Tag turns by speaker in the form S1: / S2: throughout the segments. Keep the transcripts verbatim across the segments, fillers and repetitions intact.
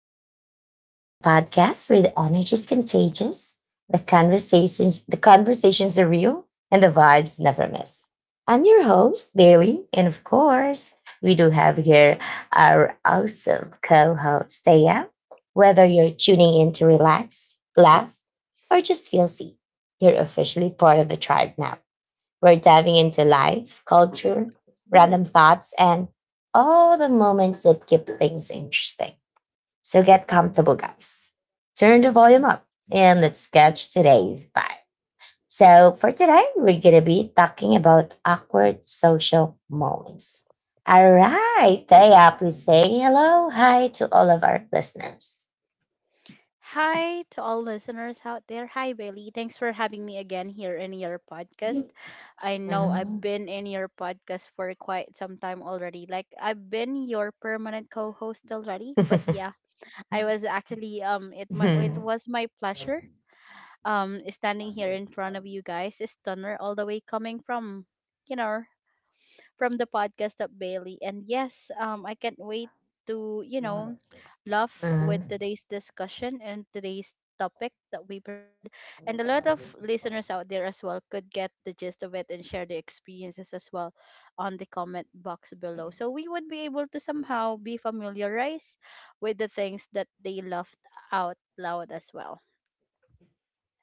S1: Vibe Tribe, the podcast where the energy is contagious, the conversations the conversations are real, and the vibes never miss. I'm your host, Daily, and of course, we do have here our awesome co-host, Thea. Whether you're tuning in to relax, laugh, or just feel seen, you're officially part of the tribe now. We're diving into life, culture, random thoughts, and all the moments that keep things interesting. So get comfortable, guys. Turn the volume up and let's catch today's vibe. So, for today, we're going to be talking about awkward social moments. All right, Thea, please say hello, hi to all of our listeners. Mhm. Mhm.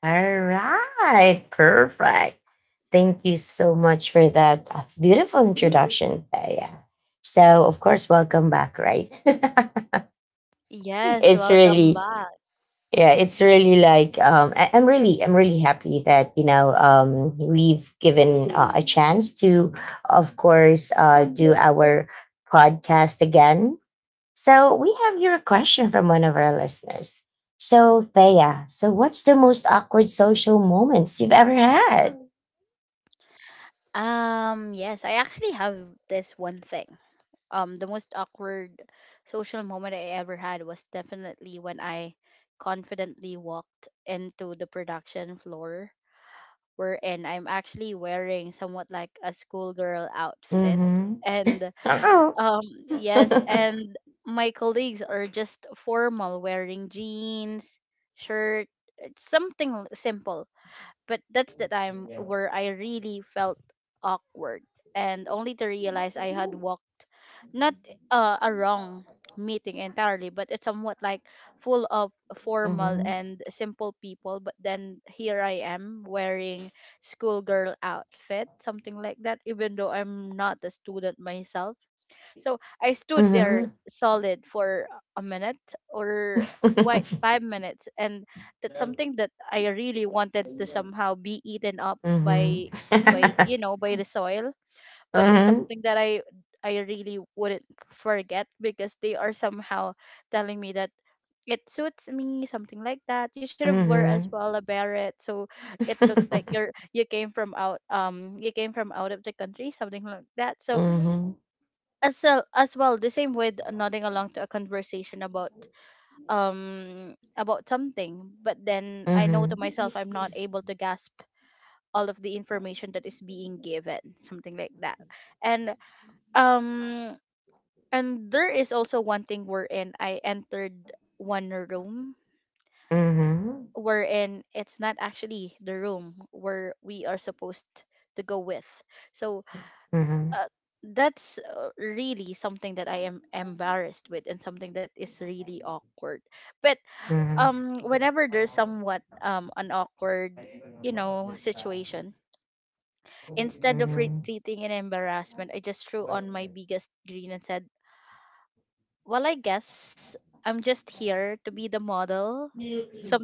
S1: All right, perfect. Thank you so much for that uh, beautiful introduction, Thea. So, of course, welcome back, right? It's really, yeah, it's really like um, I, am really, I'm really happy that you know um, we've given uh, a chance to, of course, uh, do our podcast again. So we have your question from one of our listeners. So Thea, so what's the most awkward social moments you've ever had? Mm-hmm. Uh-oh. Mhm. Mhm. Mhm. Mhm. Mhm. Mhm. Mhm. Mhm. Mhm. Mhm. Mhm.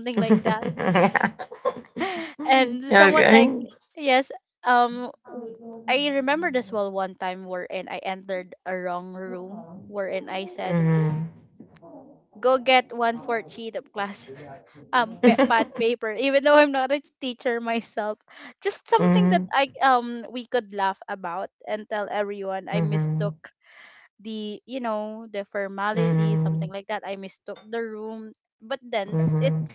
S1: Okay. Mhm. Mhm. Mhm. Mhm. Mhm.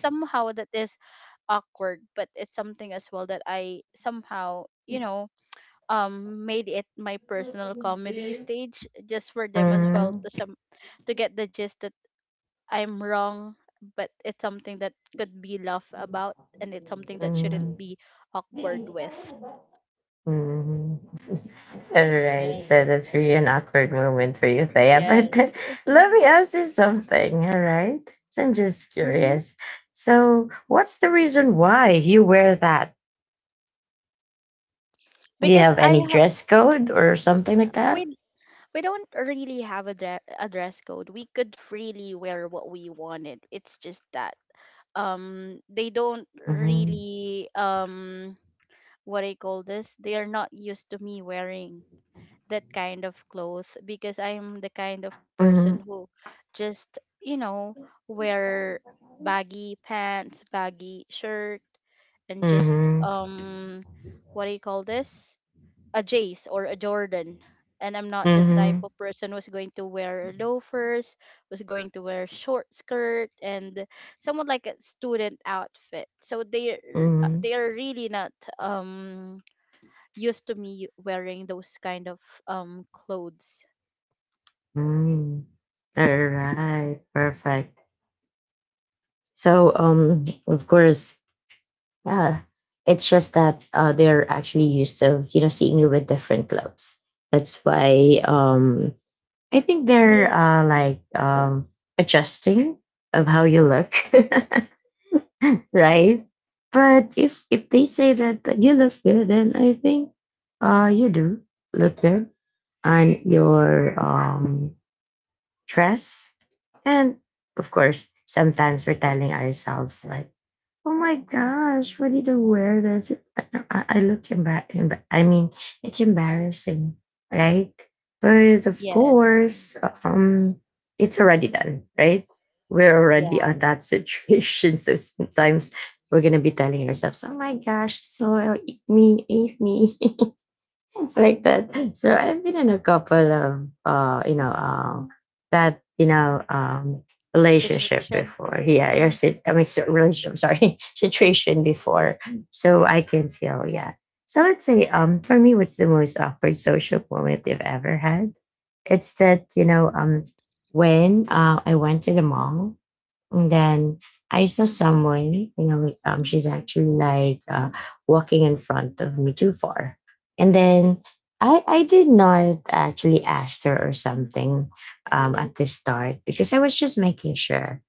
S1: Mhm. Mhm. Mhm. All right, Right. so that's really an awkward moment for you, Thea. But let me ask you something, all right? So I'm just curious. So, what's the reason why you wear that? Do you have any dress code or something like that? Mm-hmm. Mm-hmm. Mm-hmm. Mm-hmm. Mm-hmm. Mm. All right, perfect. So, um, of course, yeah, it's just that uh, they're actually used to you know seeing you with different clothes. That's why um, I think they're uh, like um, adjusting of how you look, right? But if if they say that that you look good, then I think uh, you do look good on your um, dress, and of course, sometimes we're telling ourselves like, oh my gosh, really the weirdest. I, I I looked embarrassed. I mean, it's embarrassing, right? But of course, um, it's already done, right? We're already on that situation. So sometimes we're going to be telling ourselves, oh my gosh, so eat me, eat me like that. So I've been in a couple of uh, you know, uh, that you know, um, relationship before. Yeah, or sit, I mean, so- relationship. Sorry, situation before. So I can feel. Yeah. So let's say, um, for me, what's the most awkward social moment you've ever had? It's that you know, um, when uh, I went to the mall and then I saw someone, you know, like, um, she's actually like uh, walking in front of me too far. And then I, I did not actually ask her or something um, at the start because I was just making sure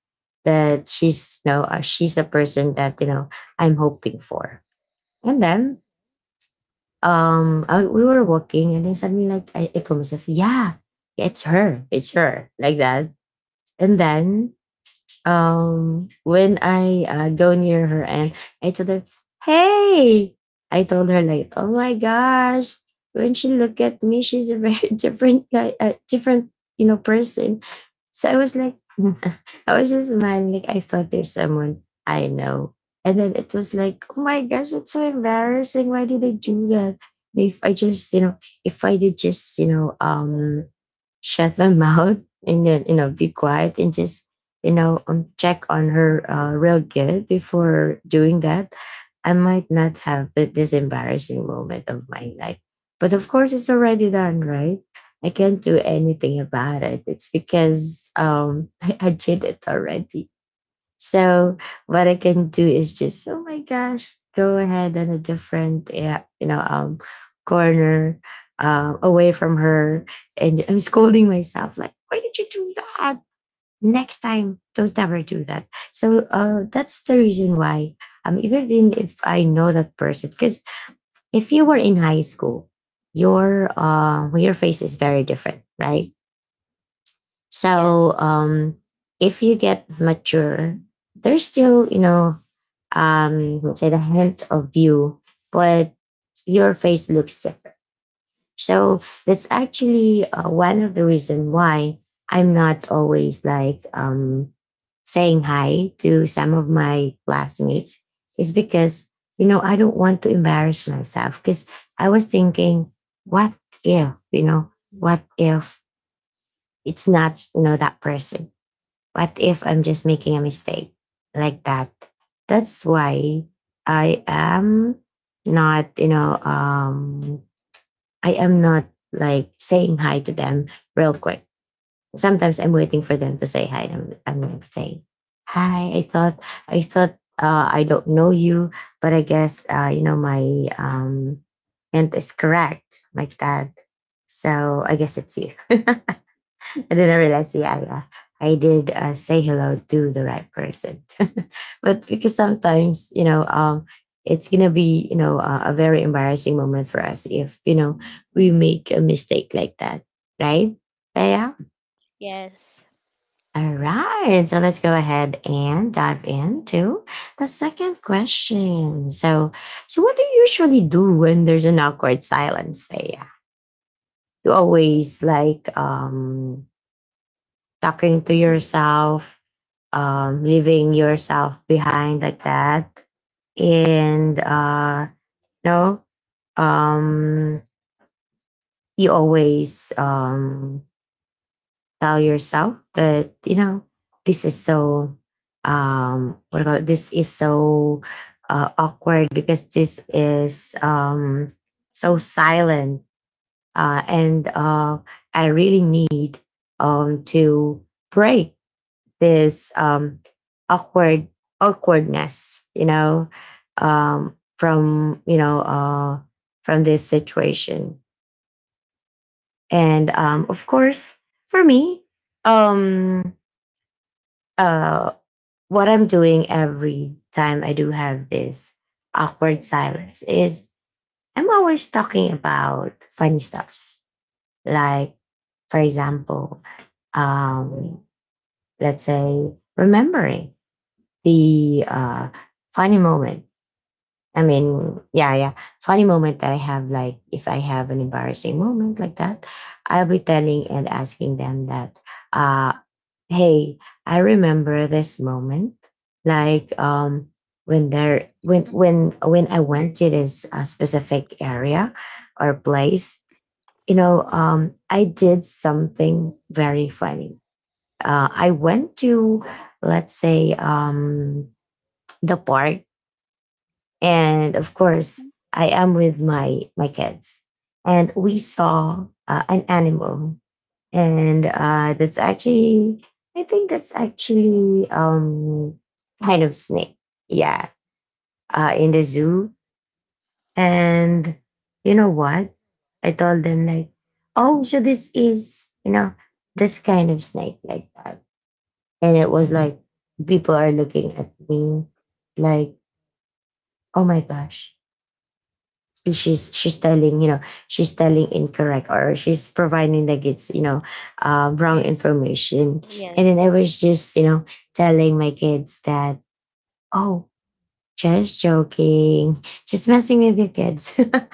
S1: that she's, you know, uh, she's the person that, you know, I'm hoping for. And then um, I, we were walking and then suddenly like I, I told myself, yeah, it's her, it's her, like that. And then um when I uh, go near her and I told her, "Hey," I told her like, "Oh my gosh!" When she looked at me, she's a very different guy, a different you know person. So I was like, I was just smiling. Like I thought there's someone I know, and then it was like, "Oh my gosh, it's so embarrassing! Why did I do that?" If I just you know, if I did just you know, um shut my mouth and then you know be quiet and just you know um, check on her uh, real good before doing that, I might not have the, this embarrassing moment of my life. But of course it's already done, right? I can't do anything about it. It's because um i, I did it already. So what I can do is just, oh my gosh, go ahead on a different, eh, you know, um, corner, um, away from her, and I'm scolding myself like, why did you do that? Next time, don't ever do that. So uh, that's the reason why, um, even in- if I know that person, because if you were in high school, your uh, your face is very different, right? So um, if you get mature, there's still, you know, um, let's say the hint of you, but your face looks different. So that's actually uh, one of the reason why I'm not always like um, saying hi to some of my classmates is because you know I don't want to embarrass myself because I was thinking, what if you know, what if it's not you know that person, what if I'm just making a mistake like that? That's why I am not, you know, um, I am not like saying hi to them real quick. Sometimes I'm waiting for them to say hi. I'm, I'm saying, hi, I thought, I thought uh, I don't know you, but I guess, uh, you know, my um, hint is correct like that. So I guess it's you. And then I didn't realize, yeah, yeah. I did uh, say hello to the right person. But because sometimes, you know, um, it's going to be, you know, uh, a very embarrassing moment for us if, you know, we make a mistake like that, right? Yeah. All right. So let's go ahead and dive into the second question. So, so what do you usually do when there's an awkward silence? Yeah. You always like um talking to yourself, um, leaving yourself behind like that. And uh, no, um, you always um, tell yourself that you know this is so um, what do you call it? This is so uh, awkward because this is um, so silent, uh, and uh, I really need um, to break this um, awkward awkwardness, you know, um, from you know uh, from this situation. And um, of course, for me, um, uh, what I'm doing every time I do have this awkward silence is I'm always talking about funny stuffs. Like, for example, um, let's say remembering the uh, funny moment. I mean, yeah, yeah, funny moment that I have. Like, if I have an embarrassing moment like that, I'll be telling and asking them that, uh, "Hey, I remember this moment. Like, um, when there, when
S2: Mhm,
S1: when when I went to this uh, specific area or place, you know, um, I did something very funny. Uh, I went to, let's say, um, the park, and of
S2: mhm.
S1: course I am with my my kids, and we saw uh, an animal, and uh, that's actually, I think that's actually um kind of snake, yeah, uh, in the zoo. And you know what, I told them like, oh, so this is you know this kind of snake like that. And it was like people are looking at me like, oh my gosh, she's she's telling you know, she's telling incorrect or she's providing like it's you know uh, wrong
S2: Yeah.
S1: information. And then I
S2: Yes.
S1: was just you know telling my kids that, oh, just joking, just messing with the kids. But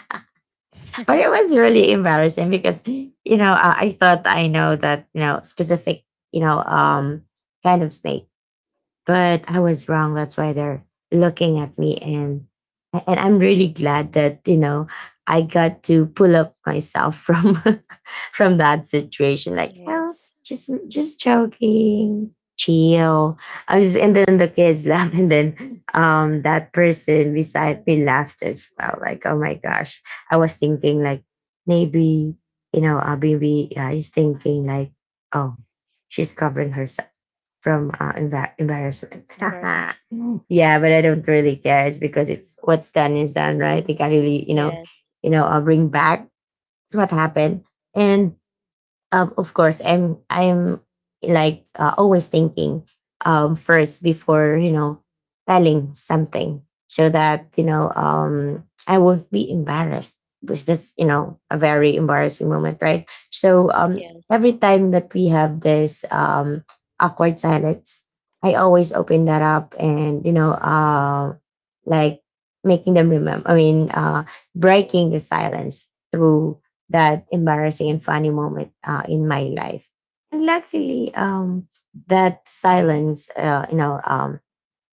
S1: it was really embarrassing because you know uh, I thought I know that you know specific you know um kind of snake, but I was wrong. That's why they're looking at me. And and I'm really glad that you know I got to pull up myself from from that situation. Like, oh,
S2: Yes.
S1: just just joking, chill. I was, and then the kids laugh, and then um that person beside me laughed as well. Like, oh my gosh, I was thinking like maybe you know uh, maybe uh, he's thinking like, oh, she's covering herself from uh, embar- embarrassment.
S2: Embarrassment.
S1: Yeah, but I don't
S2: Yes.
S1: really care. It's because it's what's done is done, right? They can't really, you know,
S2: Yes.
S1: you know, uh, bring back what happened. And um, of course, I'm I'm like uh, always thinking um, first before you know telling something, so that you know um, I won't be embarrassed, which is you know a very embarrassing moment, right? So um,
S2: Yes.
S1: every time that we have this um, awkward silence, I always open that up and you know uh, like making them remember. I mean, uh, breaking the silence through that embarrassing and funny moment uh, in my life. And luckily, um, that silence, uh, you know, um,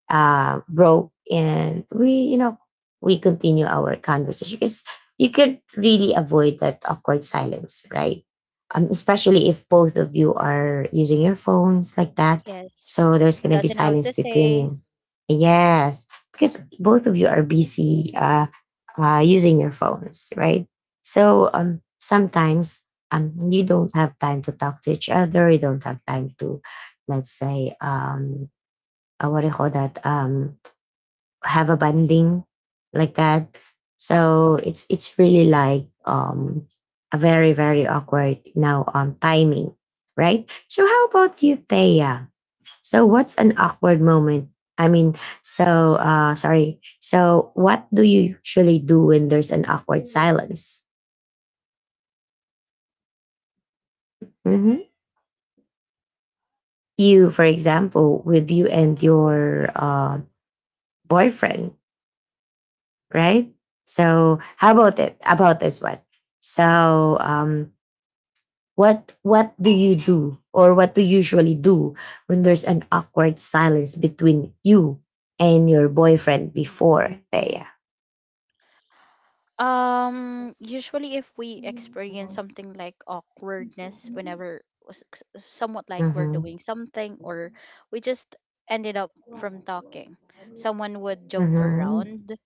S1: uh, broke and we you know we continue our conversation because you could really avoid that awkward silence, right? Um, especially if both of you are using your phones like that,
S2: Yes.
S1: so there's
S2: It
S1: going to be
S2: doesn't have
S1: silence
S2: to
S1: between
S2: say.
S1: you. Yes, because both of you are busy uh, uh, using your phones, right? So um, sometimes um, you don't have time to talk to each other, you don't have time to, let's say, um, uh, what do you call that, um have a banding, like that. So it's it's really, like um a very, very awkward, now um timing, right? So how about you, Thea? So what's an awkward moment? I mean, so uh sorry, so what do you usually do when there's an awkward silence? Hmm, you, for example, with you and your uh, boyfriend, right? So how about it? About this one. So um, what what do you do, or what do you usually do when there's an awkward silence between you and your boyfriend before, Thea?
S2: Um, usually if we experience
S1: Mm-hmm.
S2: something like awkwardness whenever s- s- somewhat like we're
S1: Mm-hmm.
S2: doing something, or we just ended up from talking. Someone would joke around,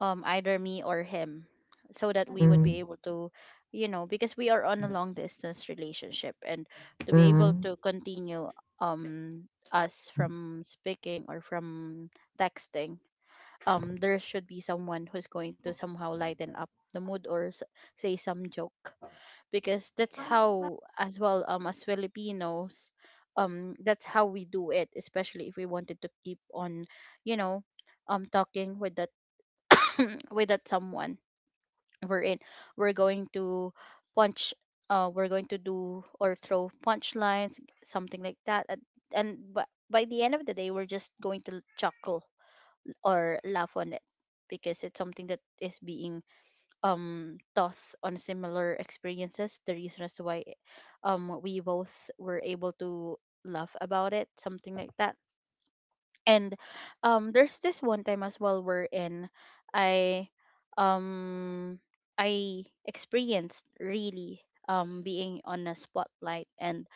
S2: um either me or him, so that we would
S1: Mm-hmm.
S2: be able to, you know, because we are on a long distance relationship, and to be able
S1: Mm-hmm.
S2: to continue, um us from speaking or from texting, um there should be someone who's going to somehow lighten up the mood or s- say some joke, because that's how as well, um as Filipinos, um that's how we do it, especially if we wanted to keep on, you know, um talking with that with that someone. We're in we're going to punch, uh we're going to do or throw punchlines, something like that. And, and but by the end of the day, we're just going to chuckle or laugh on it, because it's something that is being, um taught on similar experiences. The reason as to why, um we both were able to laugh about it, something like that. And um there's this one time as well, wherein I, um I experienced really, um being on a spotlight, and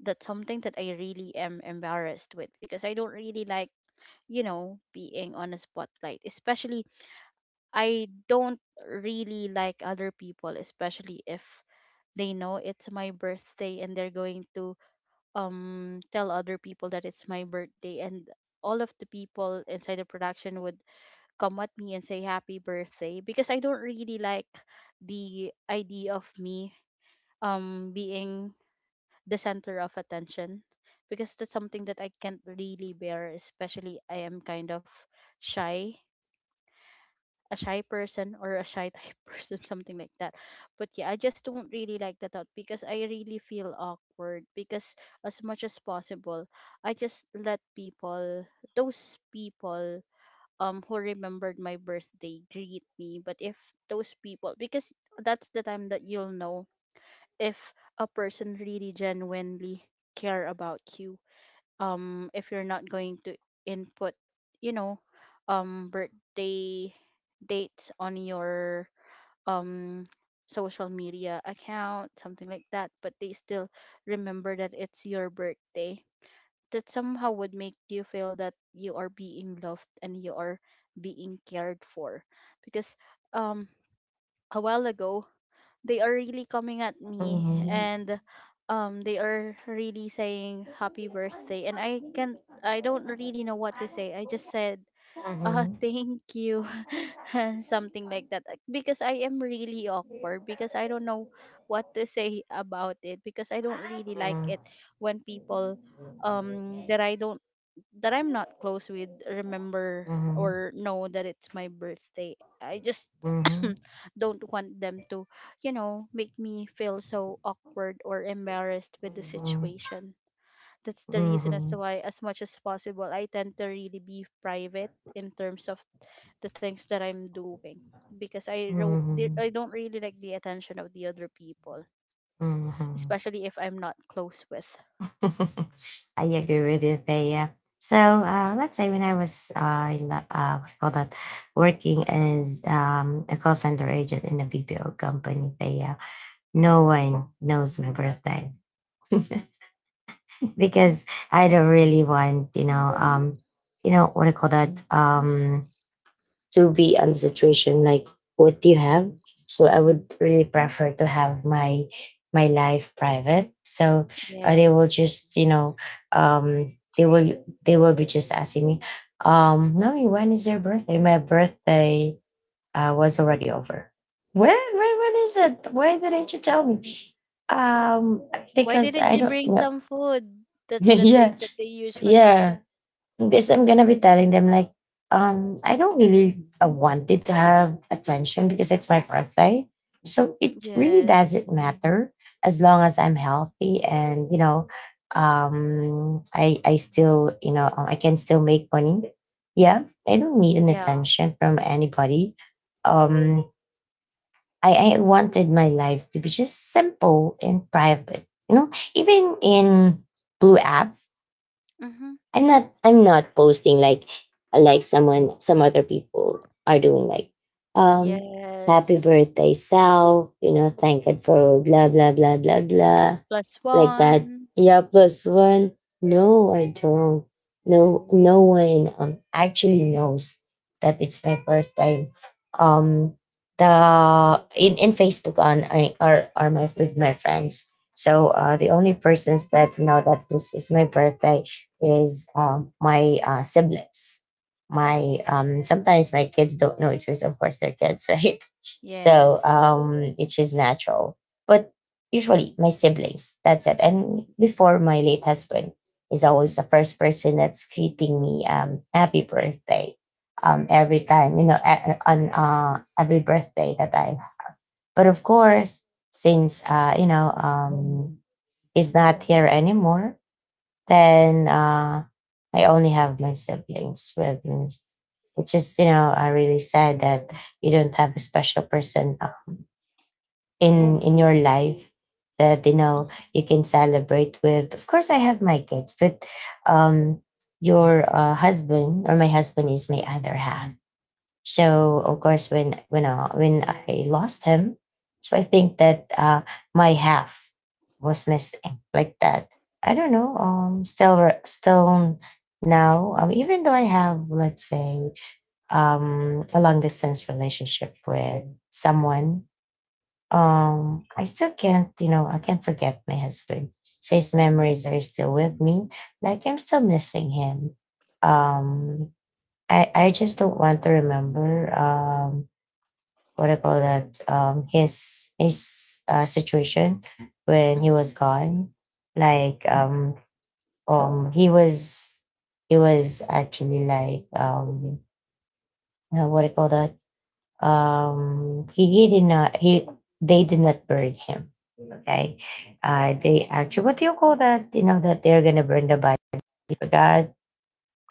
S2: that's something that I really am embarrassed with, because I don't really like, you know, being on a spotlight. Especially I don't really like other people, especially if they know it's my birthday and they're going to um tell other people that it's my birthday, and all of the people inside the production would come at me and say happy birthday, because I don't really like the idea of me um being the center of attention, because that's something that I can't really bear, especially I am kind of shy, a shy person or a shy type person, something like that. But yeah, I just don't really like that out, because I really feel awkward, because as much as possible, I just let people, those people um who remembered my birthday greet me. But if those people, because that's the time that you'll know if a person really genuinely care about you, um if you're not going to input, you know, um birthday dates on your um social media account, something like that, but they still remember that it's your birthday, that somehow would make you feel that you are being loved and you are being cared for. Because um a while ago, they are really coming at me,
S1: Mm-hmm.
S2: and um they are really saying happy birthday, and I can't, I don't really know what to say. I just said, uh
S1: Mm-hmm.
S2: thank you, something like that. Uh, because I am really awkward, because I don't know what to say about it, because I don't really like it when people, um that I don't, that I'm not close with, remember or know that it's my birthday. I just don't want them to, you know, make me feel so awkward or embarrassed with the
S1: Mm-hmm.
S2: situation. That's the
S1: Mm-hmm.
S2: reason as to
S1: Mm-hmm.
S2: why, as much as possible, I tend to really be private in terms of the things that I'm doing, because i ro- di-
S1: Mm-hmm.
S2: I don't really like the attention of the other people,
S1: Mm-hmm.
S2: especially if I'm not close with.
S1: I agree with you, Thea. So uh, let's say when I was uh, in the, uh, what you call that, working as um, a call center agent in a B P O company, Thea, no one knows my birthday. Because I don't really want, you know um, you know what I call that, um, to be on the situation like what you have. So I would really prefer to have my my life private. So uh, they will
S2: Yes.
S1: just, you know, um, they will, they will be just asking me, um, Mommy, when is your birthday? My birthday uh, was already over. When, when when is it? Why didn't you tell me? Um,
S2: Why
S1: because
S2: didn't
S1: I
S2: you
S1: don't
S2: bring
S1: know.
S2: some food? That's the
S1: Yeah,
S2: thing that they usually say.
S1: yeah. Because I'm gonna be telling them like, um, I don't really uh, wanted to have attention because it's my birthday. So it really
S2: Yes.
S1: doesn't matter as long as I'm healthy and, you know, um, I I still, you know, um, I can still make money. Yeah, I don't need an
S2: Yeah.
S1: attention from anybody. Um, I I wanted my life to be just simple and private. You know, even in Blue app,
S2: Mm-hmm.
S1: I'm not I'm not posting like like someone, some other people are doing, like um happy
S2: Yes.
S1: birthday, Sal, you know, thank God for blah blah blah blah blah,
S2: Plus
S1: like that.
S2: one.
S1: Yeah, plus one. No, I don't. No, no one um actually knows that it's my birthday. Um the in, in Facebook on I are are my with my friends. So uh, the only persons that know that this is my birthday is um, my uh, siblings. My um, sometimes my kids don't know it because of course they're kids, right? So
S2: Yes.
S1: um, it's just natural. But usually my siblings. That's it. And before, my late husband is always the first person that's greeting me um, happy birthday um, every time, you know, a- on uh, every birthday that I. But of course, since uh, you know um, he's not here anymore, then uh, I only have my siblings with me. It's just, you know, I really sad that you don't have a special person um, in in your life that, you know, you can celebrate with. Of course, I have my kids, but um, your uh, husband, or my husband, is my other half. So of course, when when uh, when I lost him, so I think that uh, my half was missing, like that. I don't know. Um, still re- still now. Um, even though I have, let's say, um a long distance relationship with someone, um, I still can't. You know, I can't forget my husband. So his memories are still with me. Like I'm still missing him. Um, I, I just don't want to remember um, what I call that, um his his uh, situation when he was
S2: Mm-hmm.
S1: gone. Like um um he was, he was actually like, um uh, what I call that, um he, he did not he they did not burn him. Okay, uh, they actually, what do you call that? You know that they're gonna burn the body. I forgot.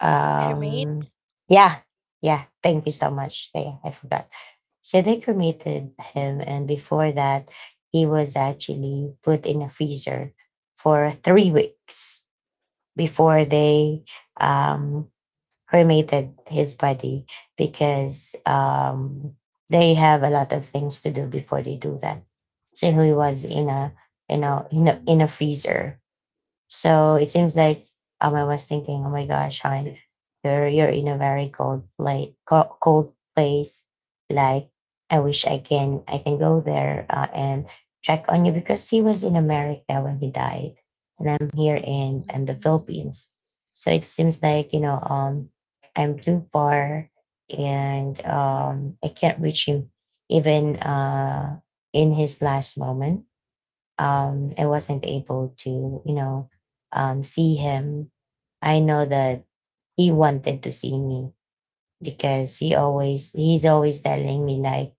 S1: um
S2: Cremate.
S1: yeah, yeah, thank you so much. Yeah, I forgot. So they cremated him, and before that, he was actually put in a freezer for three weeks before they um cremated his body, because um they have a lot of things to do before they do that. So he was in a, you know, in a in a freezer. So it seems like, um, I was thinking, oh my gosh, hon, you're you're in a very cold place, cold place. Like I wish I can I can go there uh, and check on you, because he was in America when he died, and I'm here in in the
S2: Mm.
S1: Philippines. So it seems like, you know, um I'm too far, and um I can't reach him, even uh in his last moment, um, I wasn't able to, you know, um, see him. I know that he wanted to see me because he always he's always telling me like,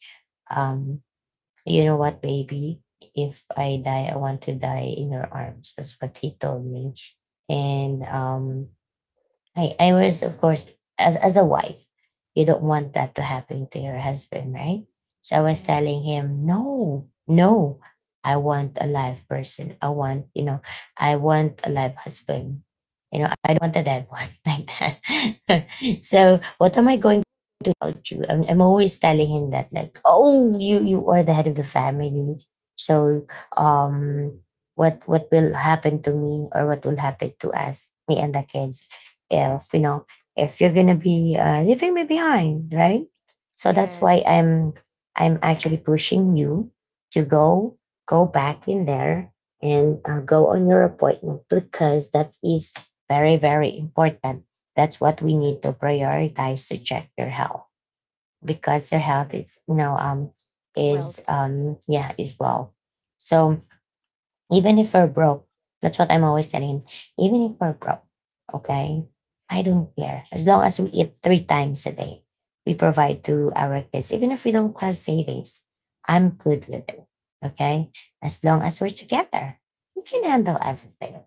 S1: um, you know what, baby, if I die, I want to die in your arms. That's what he told me, and um, I, I was, of course, as, as a wife, you don't want that to happen to your husband, right? So I was telling
S2: Yes.
S1: him, no, no, I want a live person. I want, you know, I want a live husband. You know, I don't want a dead one, like that. So what am I going about you. I'm, I'm always telling him that, like, oh, you you are the head of the family, so um, what what will happen to me, or what will happen to us, me and the kids, if you know, if you're gonna be uh, leaving me behind, right? So that's why
S2: Yes.
S1: I'm I'm actually pushing you to go, go back in there and uh, go on your appointment, because that is very, very important. That's what we need to prioritize, to check your health, because their health is, you know, um is
S2: Wealth.
S1: um yeah, is well. So even if we're broke, that's what I'm always telling him. Even if we're broke, okay, I don't care, as long as we eat three times a day. We provide to our kids, even if we don't have savings. I'm good with it. Okay, as long as we're together, we can handle everything.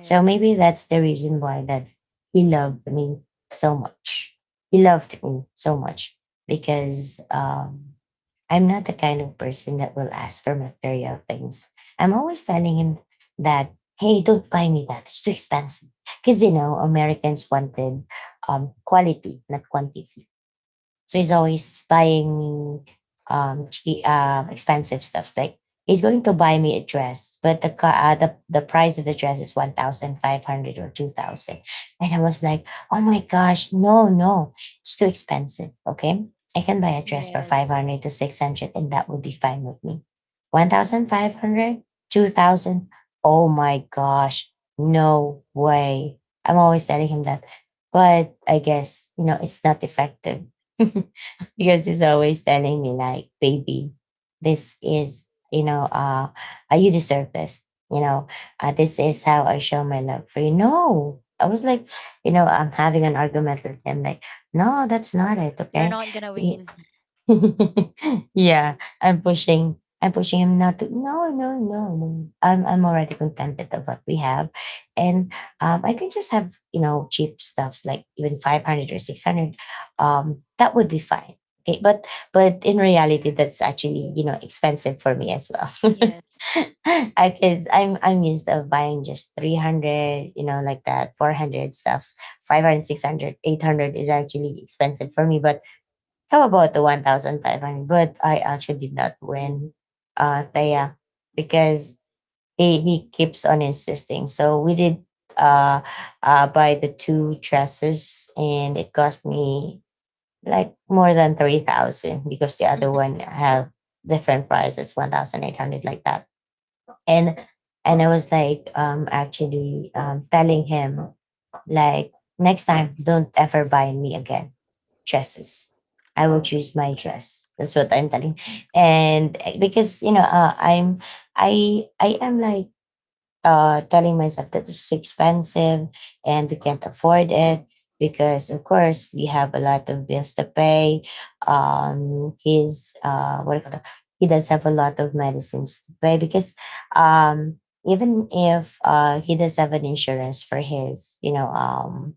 S1: So maybe that's the reason why that he loved me so much. He loved me so much because um, I'm not the kind of person that will ask for material things. I'm always telling him that, hey, don't buy me that. It's too expensive. Because, you know, Americans wanted um, quality, not quantity. So he's always buying me um che- um expensive stuffs. Like he's going to buy me a dress, but the co- uh, the the price of the dress is one thousand five hundred or two thousand, and I was like, oh my gosh, no, no, it's too expensive. Okay, I can buy a dress for five
S2: Yes.
S1: hundred to six hundred, and that would be fine with me. One thousand five hundred, two thousand. Oh my gosh, no way. I'm always telling him that, but I guess, you know, it's not effective. Because he's always telling me like, baby, this is, you know, uh, uh, you deserve this. You know, uh, this is how I show my love for you. No, I was like, you know, I'm having an argument with him like, no, that's not it.
S2: You're
S1: Okay.
S2: not gonna
S1: You-
S2: win.
S1: yeah, I'm pushing. I'm pushing him not to. No, no, no, no. I'm I'm already contented of what we have, and um, I can just have, you know, cheap stuffs like even five hundred or six hundred. Um, that would be fine. Okay, but but in reality, that's actually, you know, expensive for me as well.
S2: Yes.
S1: Because I'm I'm used of buying just three hundred, you know, like that, four hundred stuffs, five hundred, six hundred, eight hundred is actually expensive for me. But how about the one thousand five hundred? But I actually did not win, uh, Thea, because he, he keeps on insisting. So we did uh, uh, buy the two dresses, and it cost me like more than three thousand because the other one have different prices, one thousand eight hundred like that. And and I was like, um, actually, um, telling him like, next time, don't ever buy me again dresses. I will choose my dress. That's what I'm telling. And uh, because, you know, uh, I'm I I am like, uh telling myself that it's so expensive and we can't afford it, because of course we have a lot of bills to pay. Um, he's uh what do you call that? He does have a lot of medicines to pay, because um even if uh he does have an insurance for his, you know, um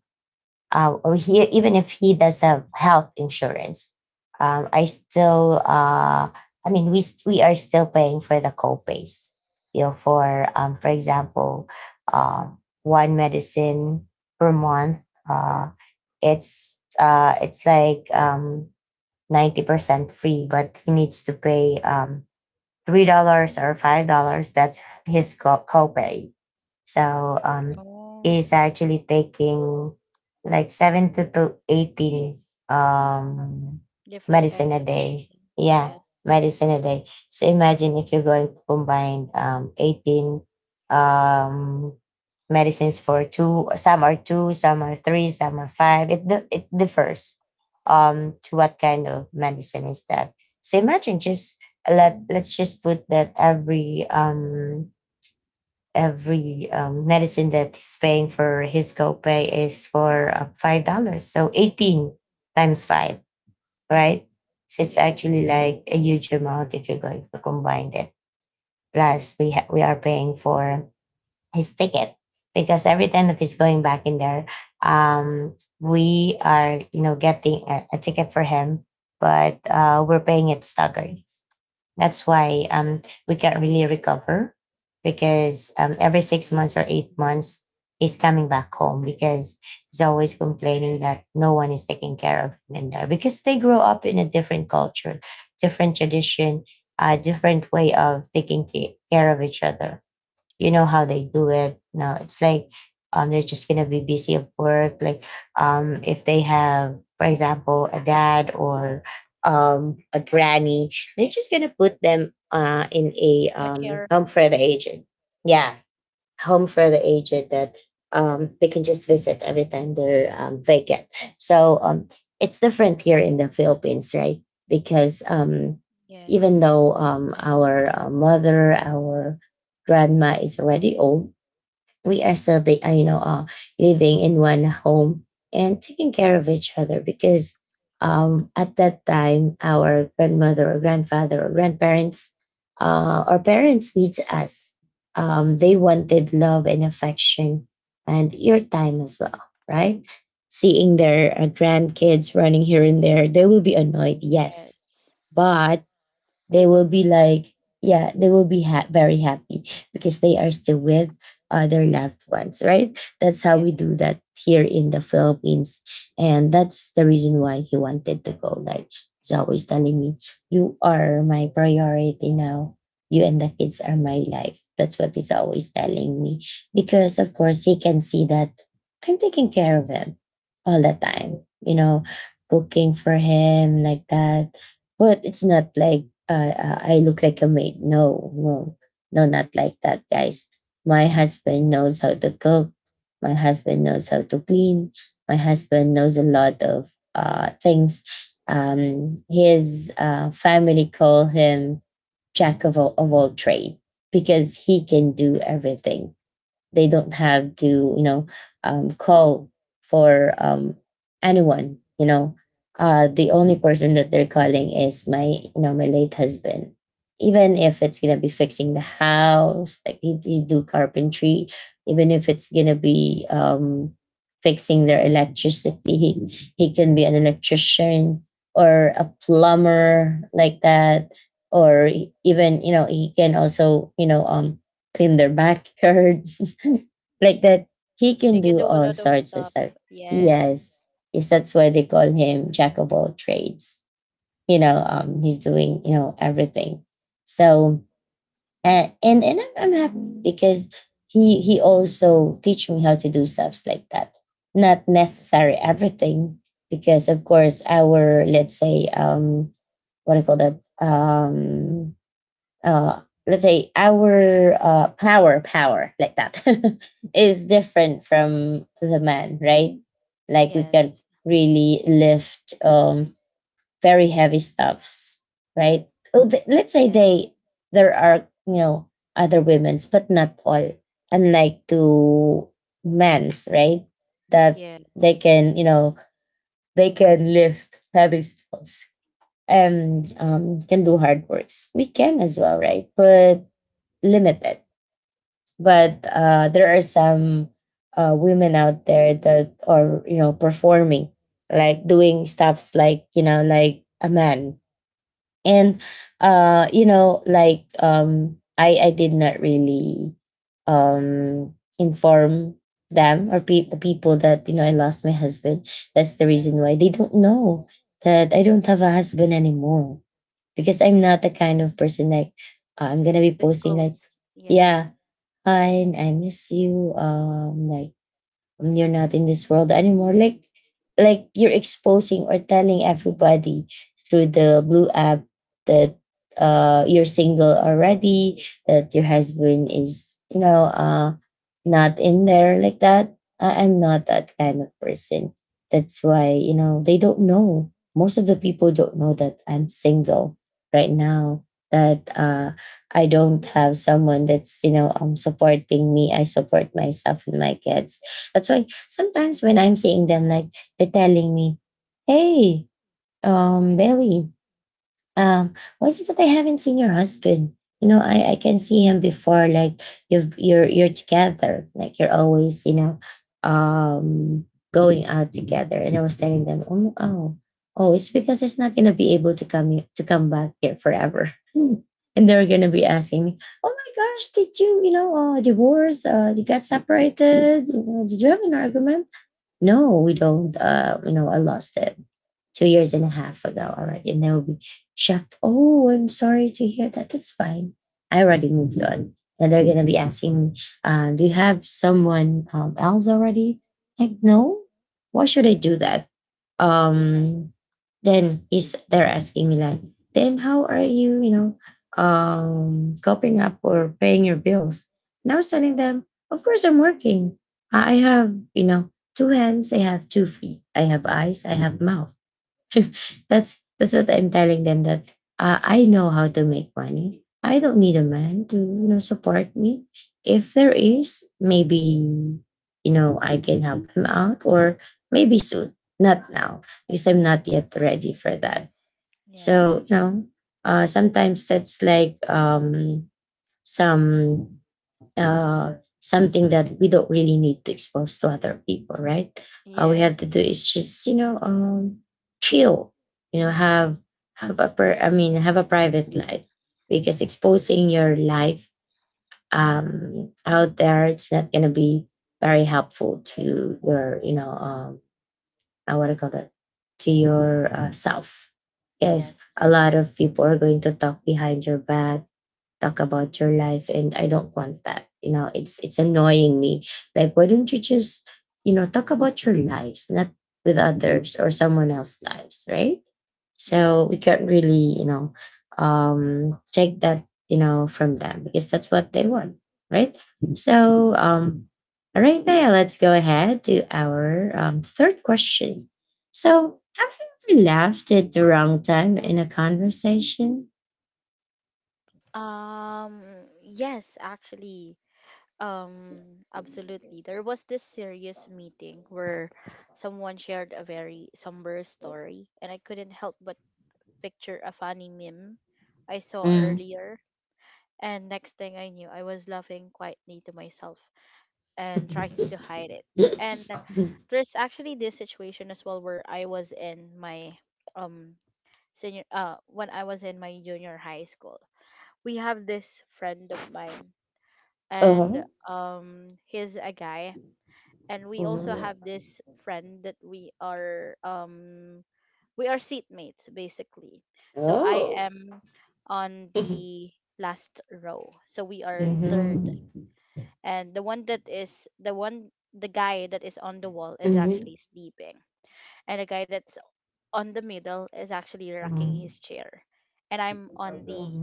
S1: uh, or he even if he does have health insurance, um, I still uh, I mean we st- we are still paying for the co-pays. You know, for um, for example, um, one medicine per month. Uh, it's uh, it's like um ninety percent free, but he needs to pay um three dollars or five dollars. That's his co- copay. So um,
S2: Oh,
S1: he's actually taking like seventy to to eighty um,
S2: different
S1: medicine a
S2: kinds of
S1: day.
S2: medicine.
S1: Yeah,
S2: Yes.
S1: medicine a day. So imagine if you're going to combine um, eighteen um, medicines for two, some are two, some are three, some are five. It, di- it differs um, to what kind of medicine is that. So imagine just let let's just put that every um every um, medicine that he's paying for his copay is for uh, five dollars, so eighteen times five, right? So it's actually
S2: Yes.
S1: like a huge amount if you're going to combine it, plus we ha- we are paying for his ticket because every time that he's going back in there, um we are, you know, getting a, a ticket for him, but uh, we're paying it staggered. That's why, um, we can't really recover, because um, every six months or eight months, he's coming back home because he's always complaining that no one is taking care of him in there, because they grow up in a different culture, different tradition, a different way of taking ca- care of each other. You know how they
S2: Yes.
S1: do it? No, it's like um they're just gonna be busy at work, like um if they have, for example, a dad or um a granny, they're just gonna put them uh in a
S2: A care
S1: um
S2: home.
S1: comfort agent, yeah, home for the aged, that um, they can just visit every time they're um, vacant. So um, it's different here in the Philippines, right? Because um, even
S2: Yes.
S1: though, um, our uh, mother, our grandma is already old, we are still the, uh, you know, uh, living in one home and taking care of each other, because, um, at that time, our grandmother or grandfather or grandparents, uh, our parents needs us. Um, they wanted love and affection and your time as well, right? Seeing their uh, grandkids running here and there, they will be annoyed, yes,
S2: Yes.
S1: but they
S2: They will
S1: will be
S2: miss it.
S1: like, yeah, they will be ha- very happy, because they are still with uh, their loved ones, right? That's how we do
S2: Yes.
S1: that here in the Philippines. And that's the reason why he wanted to go. Like, he's always telling me, "You are my priority now. You and the kids are my life." That's what he's always telling me, because of course he can see that I'm taking care of him all the time, you know, cooking for him like that. But it's not like uh, uh, I look like a maid. No, no, no, not like that, guys. My husband knows how to cook. My husband knows how to clean. My husband knows a lot of uh, things. Um, his uh, family call him jack of all, of all trade, because he can do everything. They don't have to, you know, um, call for um, anyone. You know, uh, the only person that they're calling is my, you know, my late husband. Even if it's gonna be fixing the house, like, he, he do carpentry. Even if it's gonna be um, fixing their electricity, he, he can be an electrician or a plumber, like that, or e, even, you know, he can also, you know, um clean their backyard, like that. He can
S2: He can
S1: do
S2: do a
S1: all
S2: lot of
S1: sorts of
S2: stuff.
S1: stuff.
S2: Yes.
S1: Yes, yes, that's why they call him jack of all trades. You know, um he's doing, you know, everything. So uh, and and I'm, I'm happy because he he also teach me how to do stuffs like that, not necessary everything, because of course our, let's say, um what do you call that, um uh, let's say our uh, power power like that is different from the man, right? Like, we can
S2: Yes.
S1: really lift um very heavy stuffs, right? Oh, th- let's say
S2: Yes.
S1: they, there are, you know, other women's, but not all, unlike to men's, right? That they
S2: Yes.
S1: can, you know, they can lift heavy stuffs and um, can do hard works. We can as well, right, but limited. But uh, there are some uh, women out there that are, you know, performing, like doing stuffs like, you know, like a man. And uh, you know, like, um, I I did not really um, inform them or pe- the people that, you know, I lost my husband. That's the reason why they don't know that I don't have a husband anymore, because I'm not the kind of
S2: Mhm.
S1: person like uh, I'm gonna be posting like,
S2: Disclose.
S1: yeah,
S2: Yes.
S1: fine, I miss you. Um, like, um, you're not in this world anymore, like like you're exposing or telling everybody through the blue app that uh you're single already, that your husband is, you know, uh not in there like that. I- I'm not that kind of person. That's why, you know, they don't know, most of the people don't know that I'm single right now, that uh I don't have someone that's, you know, um supporting me. I support myself and my kids. That's why sometimes when I'm seeing them, like, they're telling me, "Hey, um, Bailey, um, why is it that I haven't seen your husband? You know, I I can see him before. Like, you've you're you're together. Like, you're always, you know, um, going out together." And I was telling them, "Oh, oh, oh, it's because he's not gonna be able to come here- to come back here forever." Hmm. And they're gonna be asking me, "Oh my gosh, did you, you know, uh, divorce? Uh, you got separated? You know, did you have an argument?" No, we don't. Uh, you know, I lost it two years and a half ago already, and they will be shocked. Oh, I'm sorry to hear that. That's fine. I already moved on, and they're gonna be asking me, uh, "Do you have someone, um, else already?" Like, no. Why should I do that? um then he's they're asking me like, then how are you, you know, um coping up or paying your bills? And I was telling them, of course I'm working. I have, you know, two hands, I have two feet, I have eyes, I have mouth. that's that's what I'm telling them, that uh, I know how to make money. I don't need a man to, you know, support me. If there is, maybe, you know, I can help him out, or maybe soon, not now, because I'm not yet ready for that. So you
S2: Yes.
S1: know, uh, sometimes that's like, um, some uh, something that we don't really need to expose to other people, right? All we have to do
S2: Yes.
S1: is just, you know, um, chill, you know, have have a per, I mean, have a private life, because exposing your life um, out there, it's not gonna be very helpful to your, you know, um, I want to call that, to your uh, self. Yes, a
S2: Yes.
S1: lot of people are going to talk behind your back, talk about your life, and I don't want that. You know, it's it's annoying me. Like, why don't you just, you know, talk about your lives, not with others or someone else's lives, right? So we
S2: Yes.
S1: can't really, you know, um take that, you know, from them because that's what they want, right? So
S2: Indeed.
S1: um all right, Naya, let's go ahead to our um, third question. So, have you ever laughed at the wrong time in a conversation?
S2: Um, yes, actually. Um, absolutely. There was this serious meeting where someone shared a very somber story, and I couldn't help but picture a funny meme I saw
S1: Mm.
S2: earlier. And next thing I knew, I was laughing quietly to myself and trying to hide it. And
S1: Uh-huh.
S2: there's actually this situation as well where I was in my um senior uh when I was in my junior high school. We have this friend of mine, and um he's a guy, and we
S1: Hmm.
S2: also have this friend that we are, um we are seatmates basically. So I
S1: Oh.
S2: am on
S1: Hmm.
S2: the last row, so we are
S1: Hmm.
S2: third,
S1: Hmm.
S2: and the one that is the one the guy that is on the wall is actually sleeping, and the guy that's on the middle is actually rocking his chair, and I'm on the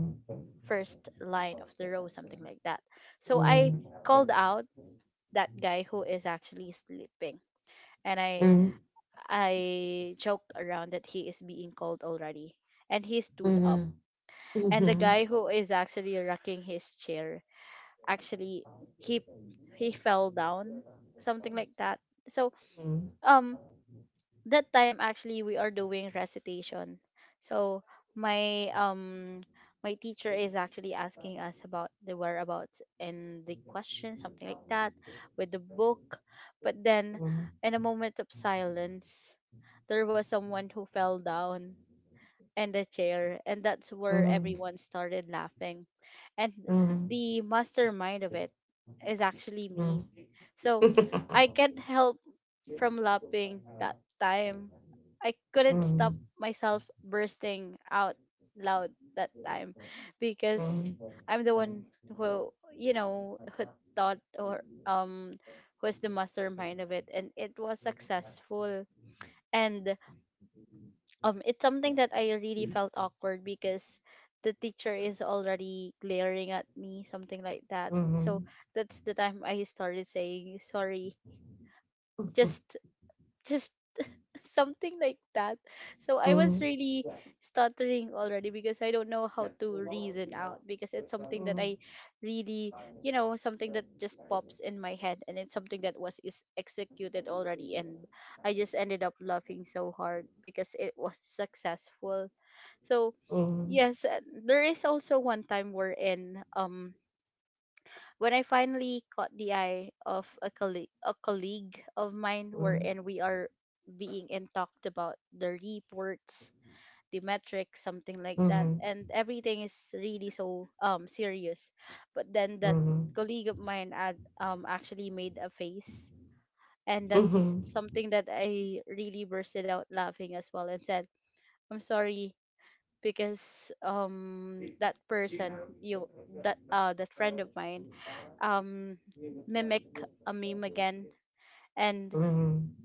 S2: first line of the row, something like that. So I called out that guy who is actually sleeping. And I I joked around that he is being cold already. And he stood up. And the guy who is actually rocking his chair, actually, he he fell down. Something like that. So, um that time actually we are doing recitation, so my, um my teacher is actually asking us about the whereabouts and the question, something like that, with the book. But then in a moment of silence, there was someone who fell down and a chair, and that's where everyone started laughing. And the mastermind of it is actually me. So I can't help from laughing that time. I couldn't stop myself bursting out loud that time, because I'm the one who, you know, who thought or um was the mastermind of it, and it was successful. And um it's something that I really felt awkward, because the teacher is already glaring at me, something like that. So that's the time I started saying sorry. Just just something like that. So I was really stuttering already, because I don't know how to reason out, because it's something that I really, you know, something that just pops in my head, and it's something that was is executed already, and I just ended up laughing so hard because it was successful. So yes, uh, there is also one time we're in um when I finally caught the eye of a colleague, a colleague of mine, wherein we are being in talked about the reports, the metrics, something like that, and everything is really so um serious. But then that colleague of mine ad, um actually made a face, and that's something that I really bursted out laughing as well and said, "I'm sorry." Because um that person you, that uh that friend of mine um mimic a meme again, and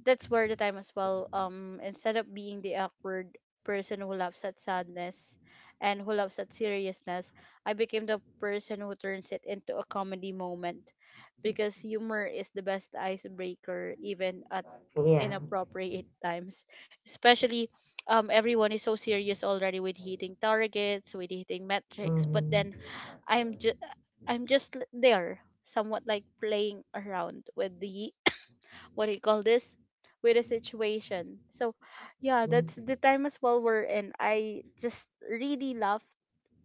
S2: that's where the time as well, um instead of being the awkward person who laughs at sadness and who laughs at seriousness, I became the person who turns it into a comedy moment, because humor is the best icebreaker even at
S1: Yeah.
S2: inappropriate times. Especially um everyone is so serious already with hitting targets, with hitting metrics, but
S1: Mhm.
S2: then I'm just, I'm just l- there, somewhat like playing around with the what do you call this? With the situation. So yeah, that's
S1: Mhm.
S2: the time as well we're in. I just really laugh,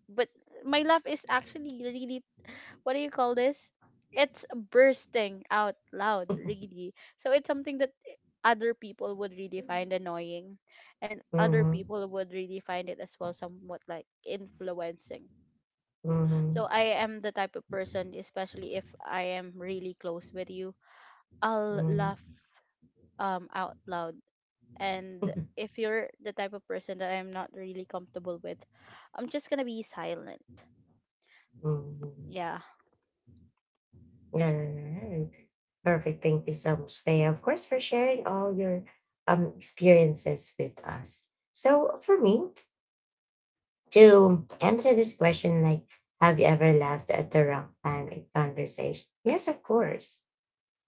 S2: but my laugh is actually really, what do you call this? It's bursting out loud, really. So it's something that other people would really find annoying, and other people would really find it as well somewhat like influencing. So I am the type of person, especially if I am really close with you, I'll laugh um out loud. And if you're the type of person that I'm not really comfortable with, I'm just gonna be silent.
S1: Mhm.
S2: Yeah,
S1: Alright. Perfect. Thank you so much, Thea, of course, for sharing all your um, experiences with us. So, for me, to answer this question, like, have you ever laughed at the wrong time in conversation? Yes, of course.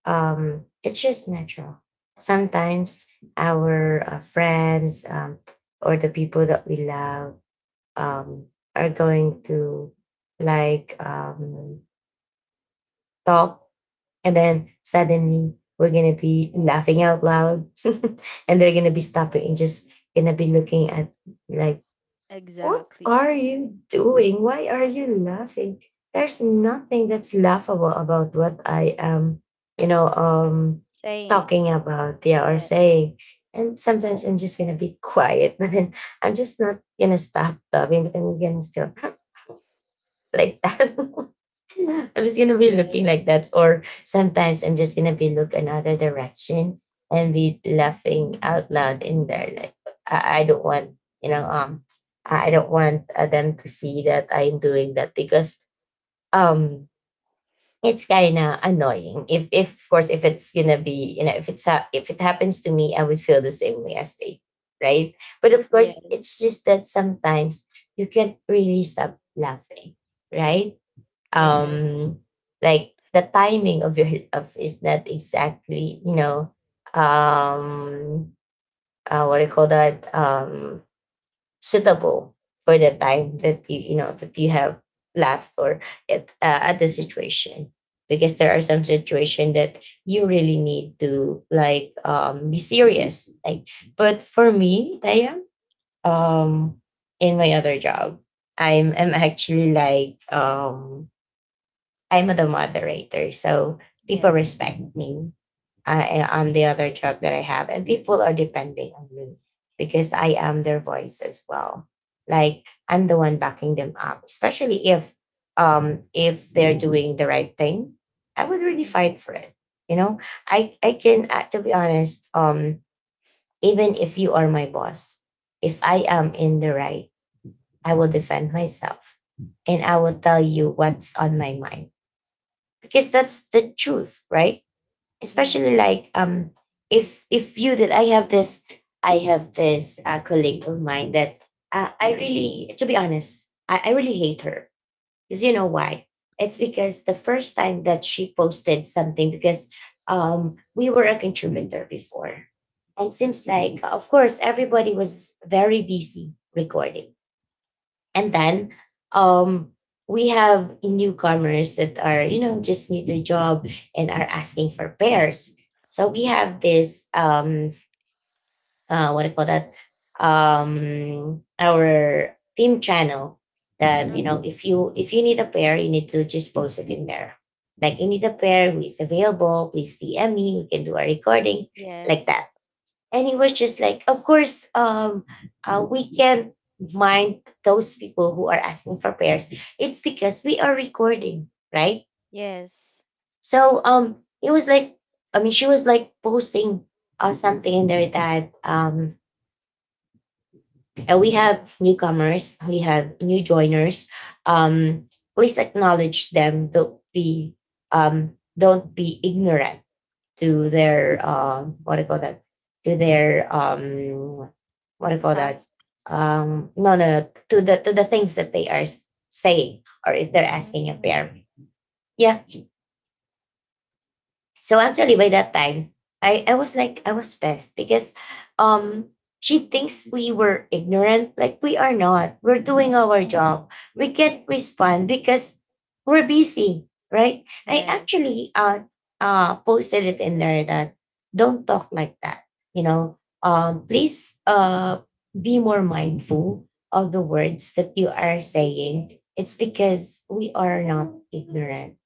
S1: Um, it's just natural. Sometimes our uh, friends, um, or the people that we love, um, are going to, like, um, talk, and then suddenly we're gonna be laughing out loud and they're gonna be stopping and just gonna be looking at, like, what
S2: exactly.
S1: are you doing, why are you laughing? There's nothing that's laughable about what I am, you know, um
S2: Saying.
S1: talking about, yeah, or
S2: Yes,
S1: saying. And sometimes I'm just gonna be quiet but then I'm just not gonna stop laughing, but I'm gonna still like that. I'm just gonna be looking like
S2: yes,
S1: that, or sometimes I'm just gonna be look another direction and be laughing out loud in there. Like, I, I don't want, you know, um, I I don't want uh, them to see that I'm doing that, because, um, it's kind of annoying. If, if of course, if it's gonna be, you know, if it's ha- if it happens to me, I would feel the same way as they, right? But of course,
S2: yes,
S1: it's just that sometimes you can't really stop laughing, right?
S2: yes,
S1: um like the timing of your of is not exactly, you know um uh, what do you call that, um suitable for the time that you you know that you have left, or at uh, at the situation, because there are some situation that you really need to, like, um be serious, like. But for me, I am, um in my other job, I'm I'm actually, like, um I'm the moderator, so people
S2: yes,
S1: respect me uh, on the other job that I have, and people are depending on me because I am their voice as well. Like, I'm the one backing them up, especially if um if they're doing the right thing. I would really
S2: mhm,
S1: fight for it. You know, I I can, uh, to be honest, um even if you are my boss, if I am in the right, I will defend myself, and I will tell you what's on my mind, because that's the truth, right? Especially,
S2: yes,
S1: like, um if if you did I have this, i have this uh, colleague of mine that, uh, I really, to be honest, i, I really hate her, because you know why. It's because the first time that she posted something, because um we were a contributor before, and seems like, of course, everybody was very busy recording, and then, um, we have newcomers that are, you know, just new to the job, and are asking for pairs. So we have this, um, uh, what do you call that? Um, our team channel that, you know,
S2: mhm,
S1: if you if you need a pair, you need to just post it in there. Like, you need a pair who is available, please D M me, we can do a recording, like
S2: yes,
S1: that. And it was just like, of course, um uh, we can't mind those people who are asking for prayers. It's because we are recording, right?
S2: yes.
S1: So um it was like, I mean, she was like posting uh, something in there that, um and we have newcomers we have new joiners, um please acknowledge them. Don't be, um don't be ignorant to their, uh, what do you call that? To their, um, what do you call that?
S2: Task.
S1: Um, no, no, no, to the to the things that they are s- saying, or if they're asking a
S2: Mm,
S1: pair. Yeah, so actually by that time, I, I was like, I was pissed, because um she thinks we were ignorant. Like, we are not. We're doing our job. We can't respond because we're busy, right? I
S2: yes,
S1: actually uh uh posted it in there that, don't talk like that. You know, um please, uh be more mindful of the words that you are saying. It's because we are not ignorant,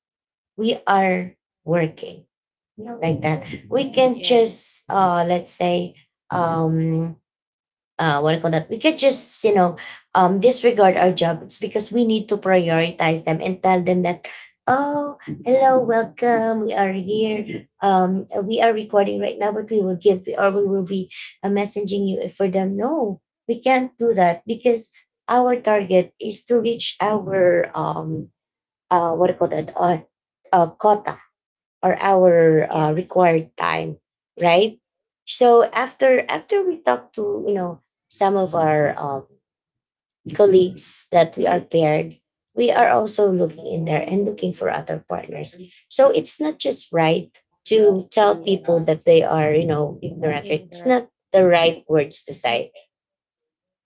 S1: we are working you know like that, we can
S2: yes,
S1: just, uh let's say, um uh what do you call that, we can just you know um disregard our job. It's because we need to prioritize them and tell them that, oh, hello, welcome, we are here, um we are recording right now, but we will give, or we will be uh, messaging you for them. No, we can't do that, because our target is to reach our, um uh what do you call that, uh, uh quota, or our uh,
S2: yes.
S1: required time, right? So after after we talk to you know some of our, um, colleagues that we are paired, we are also looking in there and looking for other partners. So it's not just right to tell people that
S2: Yes.
S1: they are you know ignorant. Right? It's
S2: Ignorant.
S1: not the right words to say.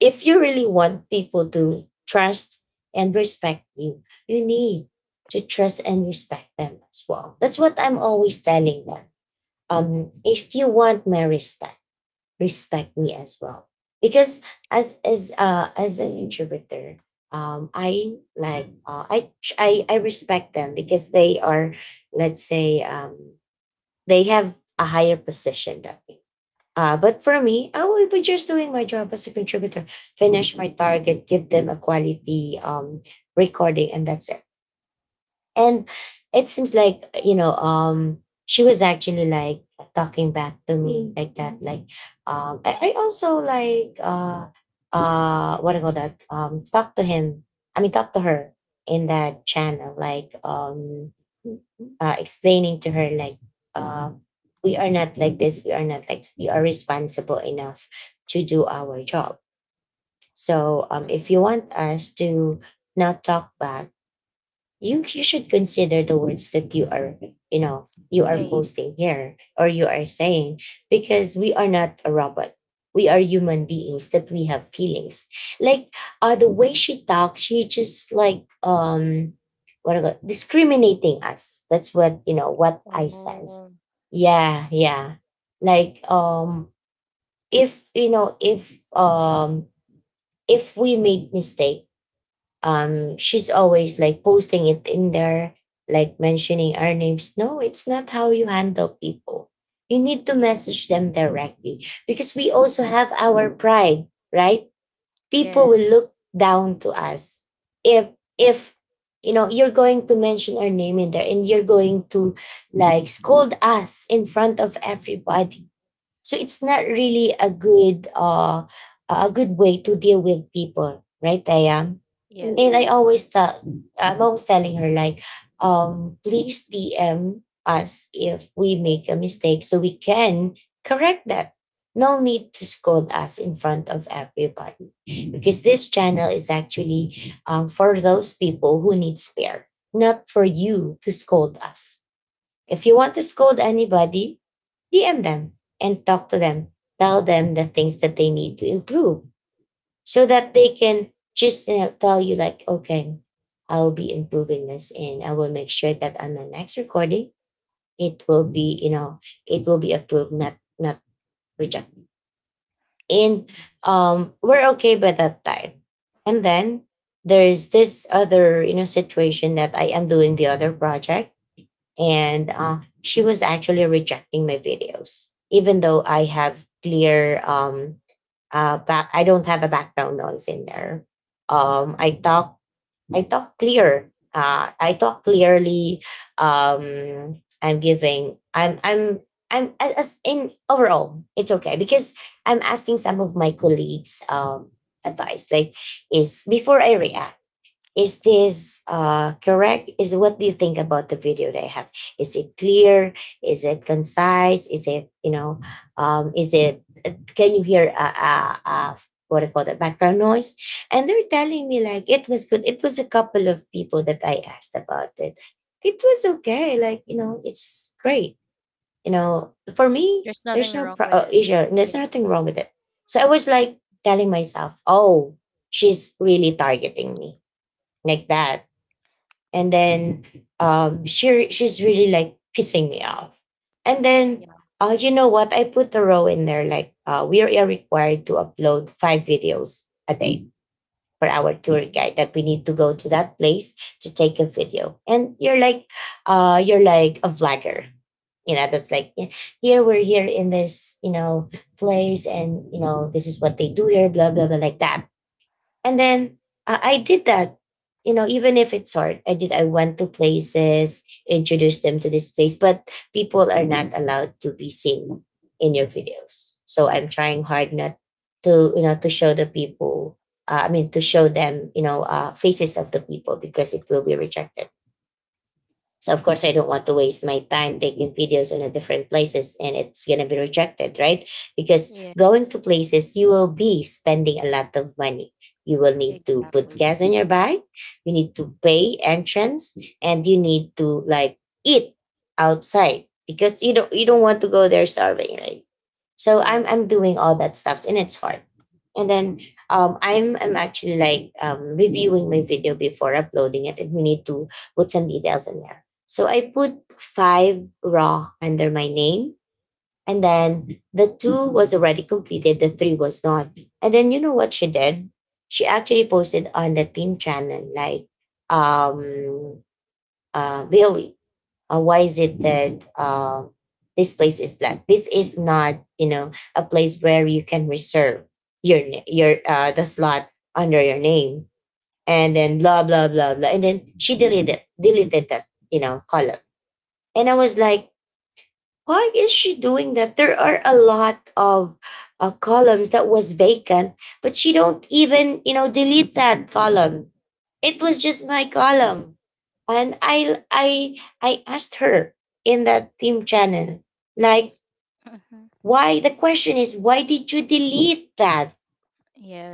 S1: If you really want people to trust and respect you, you need to trust and respect them as well. That's what I'm always telling them. Um, if you want my respect, respect me as well. Because as as uh, as an introverter, um, I like uh, I, tr- I I respect them because they are, let's say, um, they have a higher position than me. Uh, but for me, I will be just doing my job as a contributor, finish my target, give them a quality, um, recording, and that's it. And it seems like, you know, um, she was actually like talking back to me like that. Like, um, I, I also, like, uh, uh, what do you call that? Um, talk to him. I mean, talk to her in that channel, like, um, uh, explaining to her like, uh, we are not like this, we are not like, we are responsible enough to do our job. So, um, if you
S2: Hmm.
S1: want us to not talk back, you you should consider the words that you are you know you are
S2: Saying.
S1: posting here, or you are saying, because we are not a robot, we are human beings that we have feelings. Like, uh the way she talks, she just like, um what do you call- discriminating us. That's what you know what I sense.
S2: Oh,
S1: Yeah, yeah, like, um if you know, if um if we made mistake, um she's always like posting it in there, like mentioning our names. No, it's not how you handle people. You need to message
S2: yes.
S1: them directly, because we also have our pride, right? People will
S2: Yes.
S1: look down to us if if you know you're going to mention our name in there, and you're going to like scold us in front of everybody. So it's not really a good uh a good way to deal with people, right, Diane? and
S2: Yes.
S1: i
S2: In-
S1: always tell I'm always telling her, like, um please DM us if we make a mistake, so we can correct that. No need to scold us in front of everybody, because this channel is actually, um, for those people who need spare, not for you to scold us. If you want to scold anybody, D M them and talk to them. Tell them the things that they need to improve, so that they can just you know, tell you, like, okay, I will be improving this, and I will make sure that on the next recording, it will be, you know, it will be approved, not not rejected. And,
S2: yes.
S1: um, we're okay by that time. And then there is this other, you know, situation that I am doing the other project, and uh, she was actually rejecting my videos, even though i have clear um uh back I don't have a background noise in there. um i talk i talk clear uh I talk clearly. Um I'm giving I'm I'm I'm as as in, overall, it's okay, because I'm asking some of my colleagues, um advice, like, is, before I react, is this, uh, correct? Is What do you think about the video they have? Is it clear? Is it concise? Is it, you know? Um, is it can you hear, uh, uh, uh, what I call the background noise? And they're telling me like it was good. It was a couple of people that I asked about it. It was okay. Like, you know, it's great. You know, for me,
S2: There's
S1: there's
S2: nothing
S1: no
S2: wrong
S1: pro-
S2: with
S1: uh,
S2: it.
S1: issue, and There's
S2: Yeah.
S1: nothing wrong with it. So I was like telling myself, oh, she's really targeting me like that. And then, um, she re- she's really like pissing me off. And then,
S2: Yeah.
S1: uh, you know what? I put a row in there, like, uh, we are required to upload five videos a day for our tour guide,
S2: Hmm.
S1: that we need to go to that place to take a video. And you're like, uh, you're like a vlogger. You know, that's like, yeah, here, we're here in this, you know, place, and you know, this is what they do here, blah blah blah, like that. And then, uh, I did that. You know, even if it's hard, I did. I went to places, introduced them to this place, but people are not allowed to be seen in your videos. So I'm trying hard not to, you know, to show the people. Uh, I mean, to show them, you know, uh, faces of the people, because it will be rejected. So of course I don't want to waste my time taking videos in a different places, and it's gonna be rejected, right? Because going
S2: Yes.
S1: to places, you will be spending a lot of money. You will need to put
S2: Exactly.
S1: gas on your bike, you need to pay entrance, and you need to like eat outside, because you don't you don't want
S2: Yes.
S1: to go there starving, right? So I'm I'm
S2: Yes.
S1: doing all that stuff, and it's hard. And then, um, I'm I'm actually, like, um, reviewing my video before uploading it, and we need to put some details in there. So I put five raw under my name, and then the two was already completed, the three was not. And then you know what she did? She actually posted on the team channel like, um uh, Bailey, uh, why is it that, uh, this place is black? This is not, you know, a place where you can reserve your na- your uh, the slot under your name, and then blah blah blah blah, and then she deleted deleted that, you know, column, and I was like, why is she doing that? There are a lot of, uh, columns that was vacant, but she don't even, you know, delete that column. It was just my column, and I I I asked her in that team channel, like,
S2: Hmm.
S1: why the question is, why did you delete that?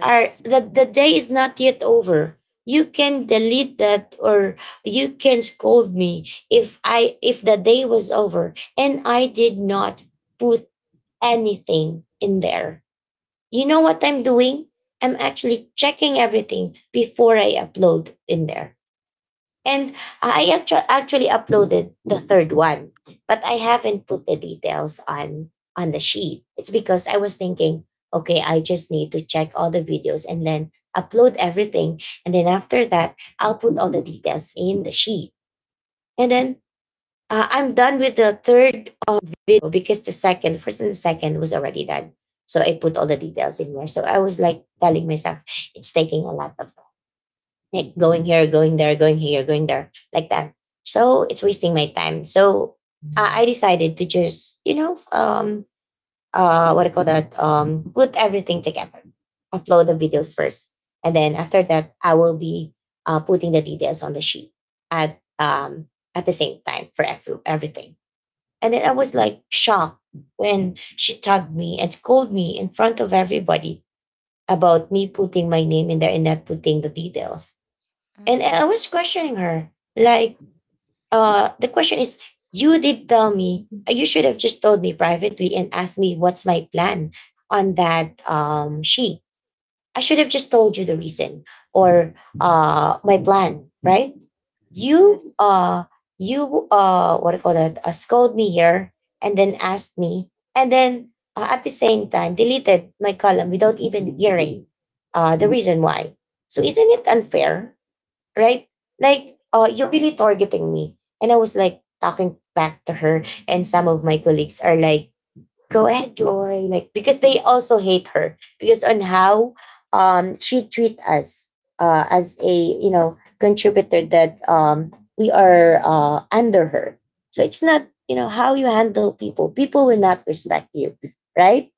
S1: Are the, the day is not yet over. You can delete that, or you can scold me if I if the day was over and I did not put anything in there. You know what I'm doing? I'm actually checking everything before I upload in there. And I actu- actually uploaded the third one, but I haven't put the details on on the sheet. It's because I was thinking, okay, I just need to check all the videos and then upload everything, and then after that, I'll put all the details in the sheet. And then uh, I'm done with the third uh, video, because the second, first and the second was already done. So I put all the details in there. So I was, like, telling myself, it's taking a lot of, like, going here, going there, going here, going there, like that. So it's wasting my time. So uh, I decided to just, you know, um, uh, what do you call that? Um, put everything together, upload the videos first, and then after that, I will be uh, putting the details on the sheet at um at the same time for every, everything. And then I was, like, shocked when she tagged me and scolded me in front of everybody about me putting my name in there and not putting the details. And
S2: Hmm.
S1: I was questioning her. Like, uh, the question is, you did tell me. Uh, you should have just told me privately and asked me what's my plan on that um, sheet. I should have just told you the reason or uh, my plan, right? You,
S2: Yes.
S1: uh, you, uh, what do you call that, uh, scold me here, and then asked me, and then uh, at the same time deleted my column without even hearing uh, the reason why. So isn't it
S2: Yes.
S1: unfair, right? Like, uh, you're really targeting me. And I was, like, talking back to her, and some of my colleagues are, like, go ahead, Joy. Like, because they also hate her because on how um she treat us uh as a you know contributor that um we are uh under her. So it's not, you know, how you handle people. People will not respect you, right?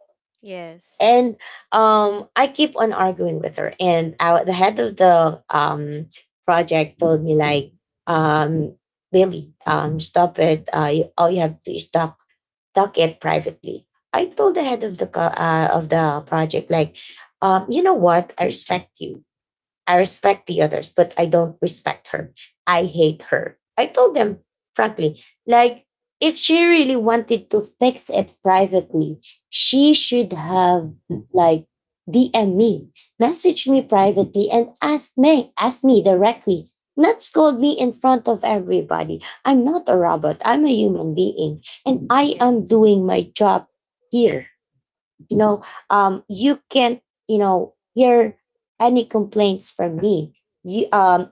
S2: Yes.
S1: And um I keep on arguing with her. And I, the head of the um project told me, like, um Billy, um stop it. Uh you, all you have to is talk talk it privately. I told the head of the co- uh, of the project, like, um you know what, I respect you. I respect the others, but I don't respect her. I hate her. I told them frankly, like, if she really wanted to fix it privately, she should have, like, D M me, message me privately, and ask me, ask me directly. Not scold me in front of everybody. I'm not a robot. I'm a human being, and I am
S2: Yes.
S1: doing my job here. You know, um you can't you know hear any complaints from me. you um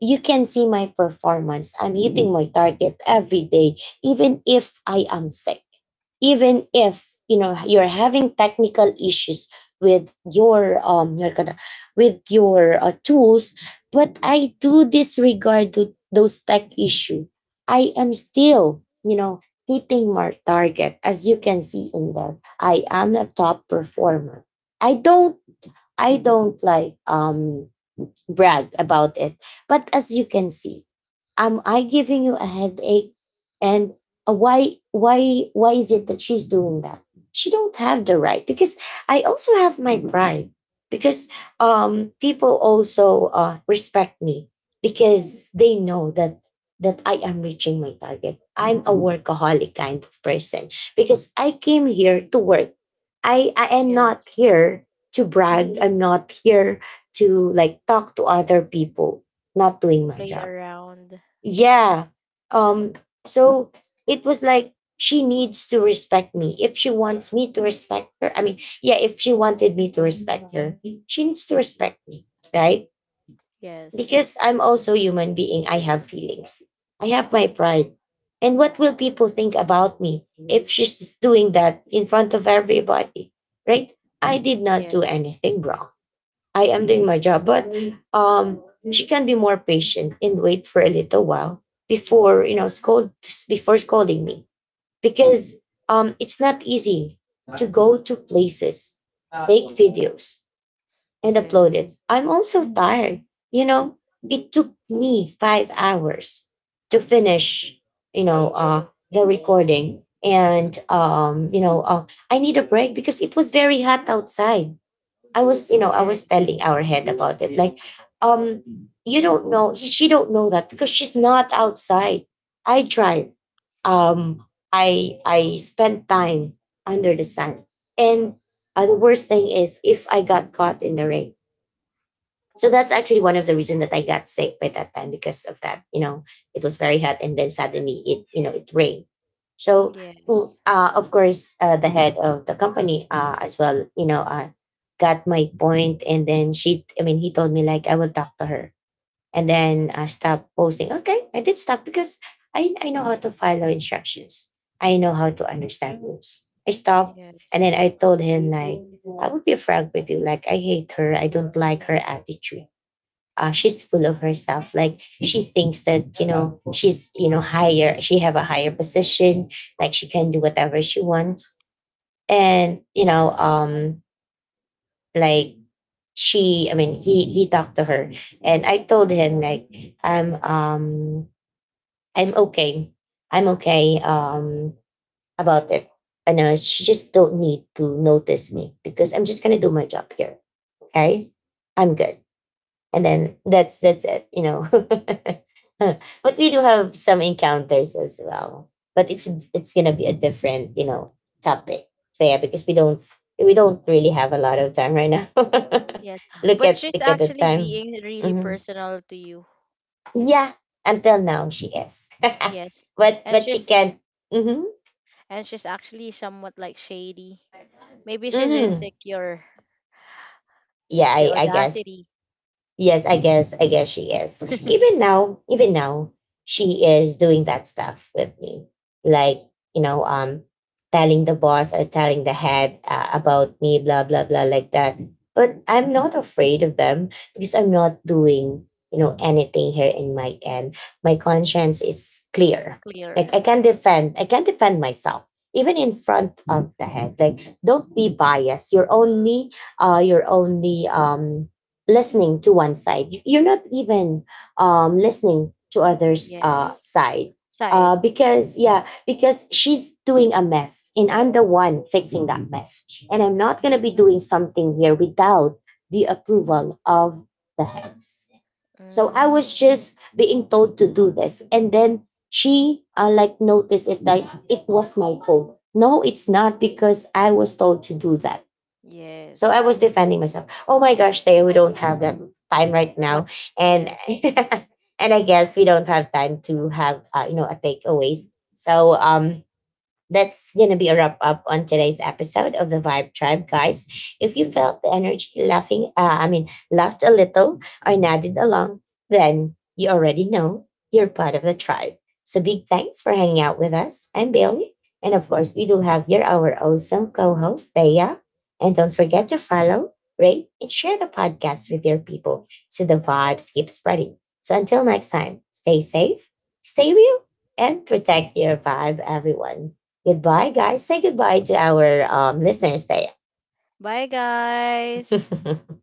S1: you can see my performance. I'm hitting my target every day, even if I am sick, even if you know you're having technical issues with your um your kind of- with your uh, tools. But I do disregard th- those tech issue. I am still you know hitting my target. As you can see in there, I am a top performer. I don't i don't like um brag about it. But as you can see, am I giving you a headache? And uh, why why why is it that she's doing that? She don't have the right, because I also have my pride, because um people also uh, respect me, because they know that that I am reaching my target. I'm a workaholic kind of person because I came here to work. I I am not
S2: Yes.
S1: here to brag. I'm not here to, like, talk to other people not doing
S2: To
S1: my
S2: play
S1: job.
S2: around.
S1: Yeah. um so it was, like, she needs to respect me if she wants me to respect her. I mean, yeah, if she wanted me to respect her, she needs to respect me, right?
S2: Yes.
S1: Because I'm also a human being, I have feelings, I have my pride. And what will people think about me if she's doing that in front of everybody, right? I did not do
S2: Yes.
S1: anything wrong. I am doing my job, but um, she can be more patient and wait for a little while before you know scold before scolding me, because um, it's not easy to go to places, make videos, and upload it.
S2: Yes.
S1: I'm also tired. You know, it took me five hours to finish. You know, uh, the recording.
S2: Mhm.
S1: And um, you know, uh, I need a break because it was very hot outside. I was, you know, I was
S2: Yes.
S1: telling our head about it. Like, um, you don't know, he- she don't know that because she's not outside. I drive. Um, I I spend time under the sun. And uh, the worst thing is if I got caught in the rain. So that's actually one of the reasons that I got sick by that time because of that. You know, it was very hot, and then suddenly it you know it rained. So mm,
S2: Yes.
S1: uh, of course, uh, the head of the company, uh, as well, you know, uh, got my point. And then she, I mean, he told me, like, I will talk to her, and then uh, stop posting. Okay, I did stop because I I know how to follow instructions. I know how to understand rules. I stopped, and
S2: Yes.
S1: then I told him, like, I would be frank with you. Like, I hate her. I don't like her attitude. Uh, she's full of herself. Like, she thinks that you know she's you know
S2: Yes.
S1: higher, she have a higher position. Like, she can do whatever she wants, and you know um like, she, I mean, he he talked to her. And I told him, like, i'm um i'm okay, I'm okay um about it. I know she just don't need to notice me because I'm just gonna do my job here. Okay, I'm good. And then that's that's it you know But we do have some encounters as well, but it's it's gonna be a different, you know topic. So, yeah, because we don't we don't really have a lot of time right now.
S2: Yes.
S1: look
S2: But
S1: at
S2: she's
S1: look at the
S2: actually
S1: time.
S2: being really
S1: Mhm.
S2: personal to you.
S1: Yeah, until now she is.
S2: Yes.
S1: but
S2: And
S1: but she
S2: she's,
S1: can. Hmm.
S2: and she's actually somewhat like shady. Maybe she's
S1: Hmm.
S2: insecure.
S1: Yeah,
S2: The
S1: I, I guess.
S2: audacity.
S1: Yes, I guess I guess she is. Even now, even now, she is doing that stuff with me. Like, you know, um telling the boss or telling the head, uh, about me, blah blah blah, like that. But I'm not afraid of them because I'm not doing, you know, anything here in my end. My conscience is clear.
S2: Clear.
S1: Like, I can defend, I can defend myself, even in front of the head. Like, don't be biased. You're only uh you're only um listening to one side. You- You're not even um, listening to others' uh,
S2: Yes.
S1: side.
S2: Side.
S1: Uh, because, yeah, because she's doing a mess, and I'm the one fixing that mess. And I'm not gonna be doing
S2: Mm,
S1: something here without the approval of the heads. So I
S2: mm,
S1: was just being told to do this. And then she, uh, like, noticed it that it was my fault. No, it's not, because I was told to do that. So I
S2: yes.
S1: was defending myself. Oh my gosh, Taya, we don't have that time right now,
S2: Much.
S1: and
S2: Yes.
S1: and I guess we don't have time to have uh, you know a takeaways. So um, that's going to be a wrap up on today's episode of the Vibe Tribe, guys. If you felt the energy laughing, uh, I mean, laughed a little or nodded along, then you already know you're part of the tribe. So big thanks for hanging out with us. I'm Bailey. And of course, we do have here our awesome co host, Thea. And don't forget to follow, rate, and share the podcast with your people so the vibes keep spreading. So until next time, stay safe, stay real, and protect your vibe, everyone. Goodbye, guys. Say goodbye to our um, listeners there.
S2: Bye guys.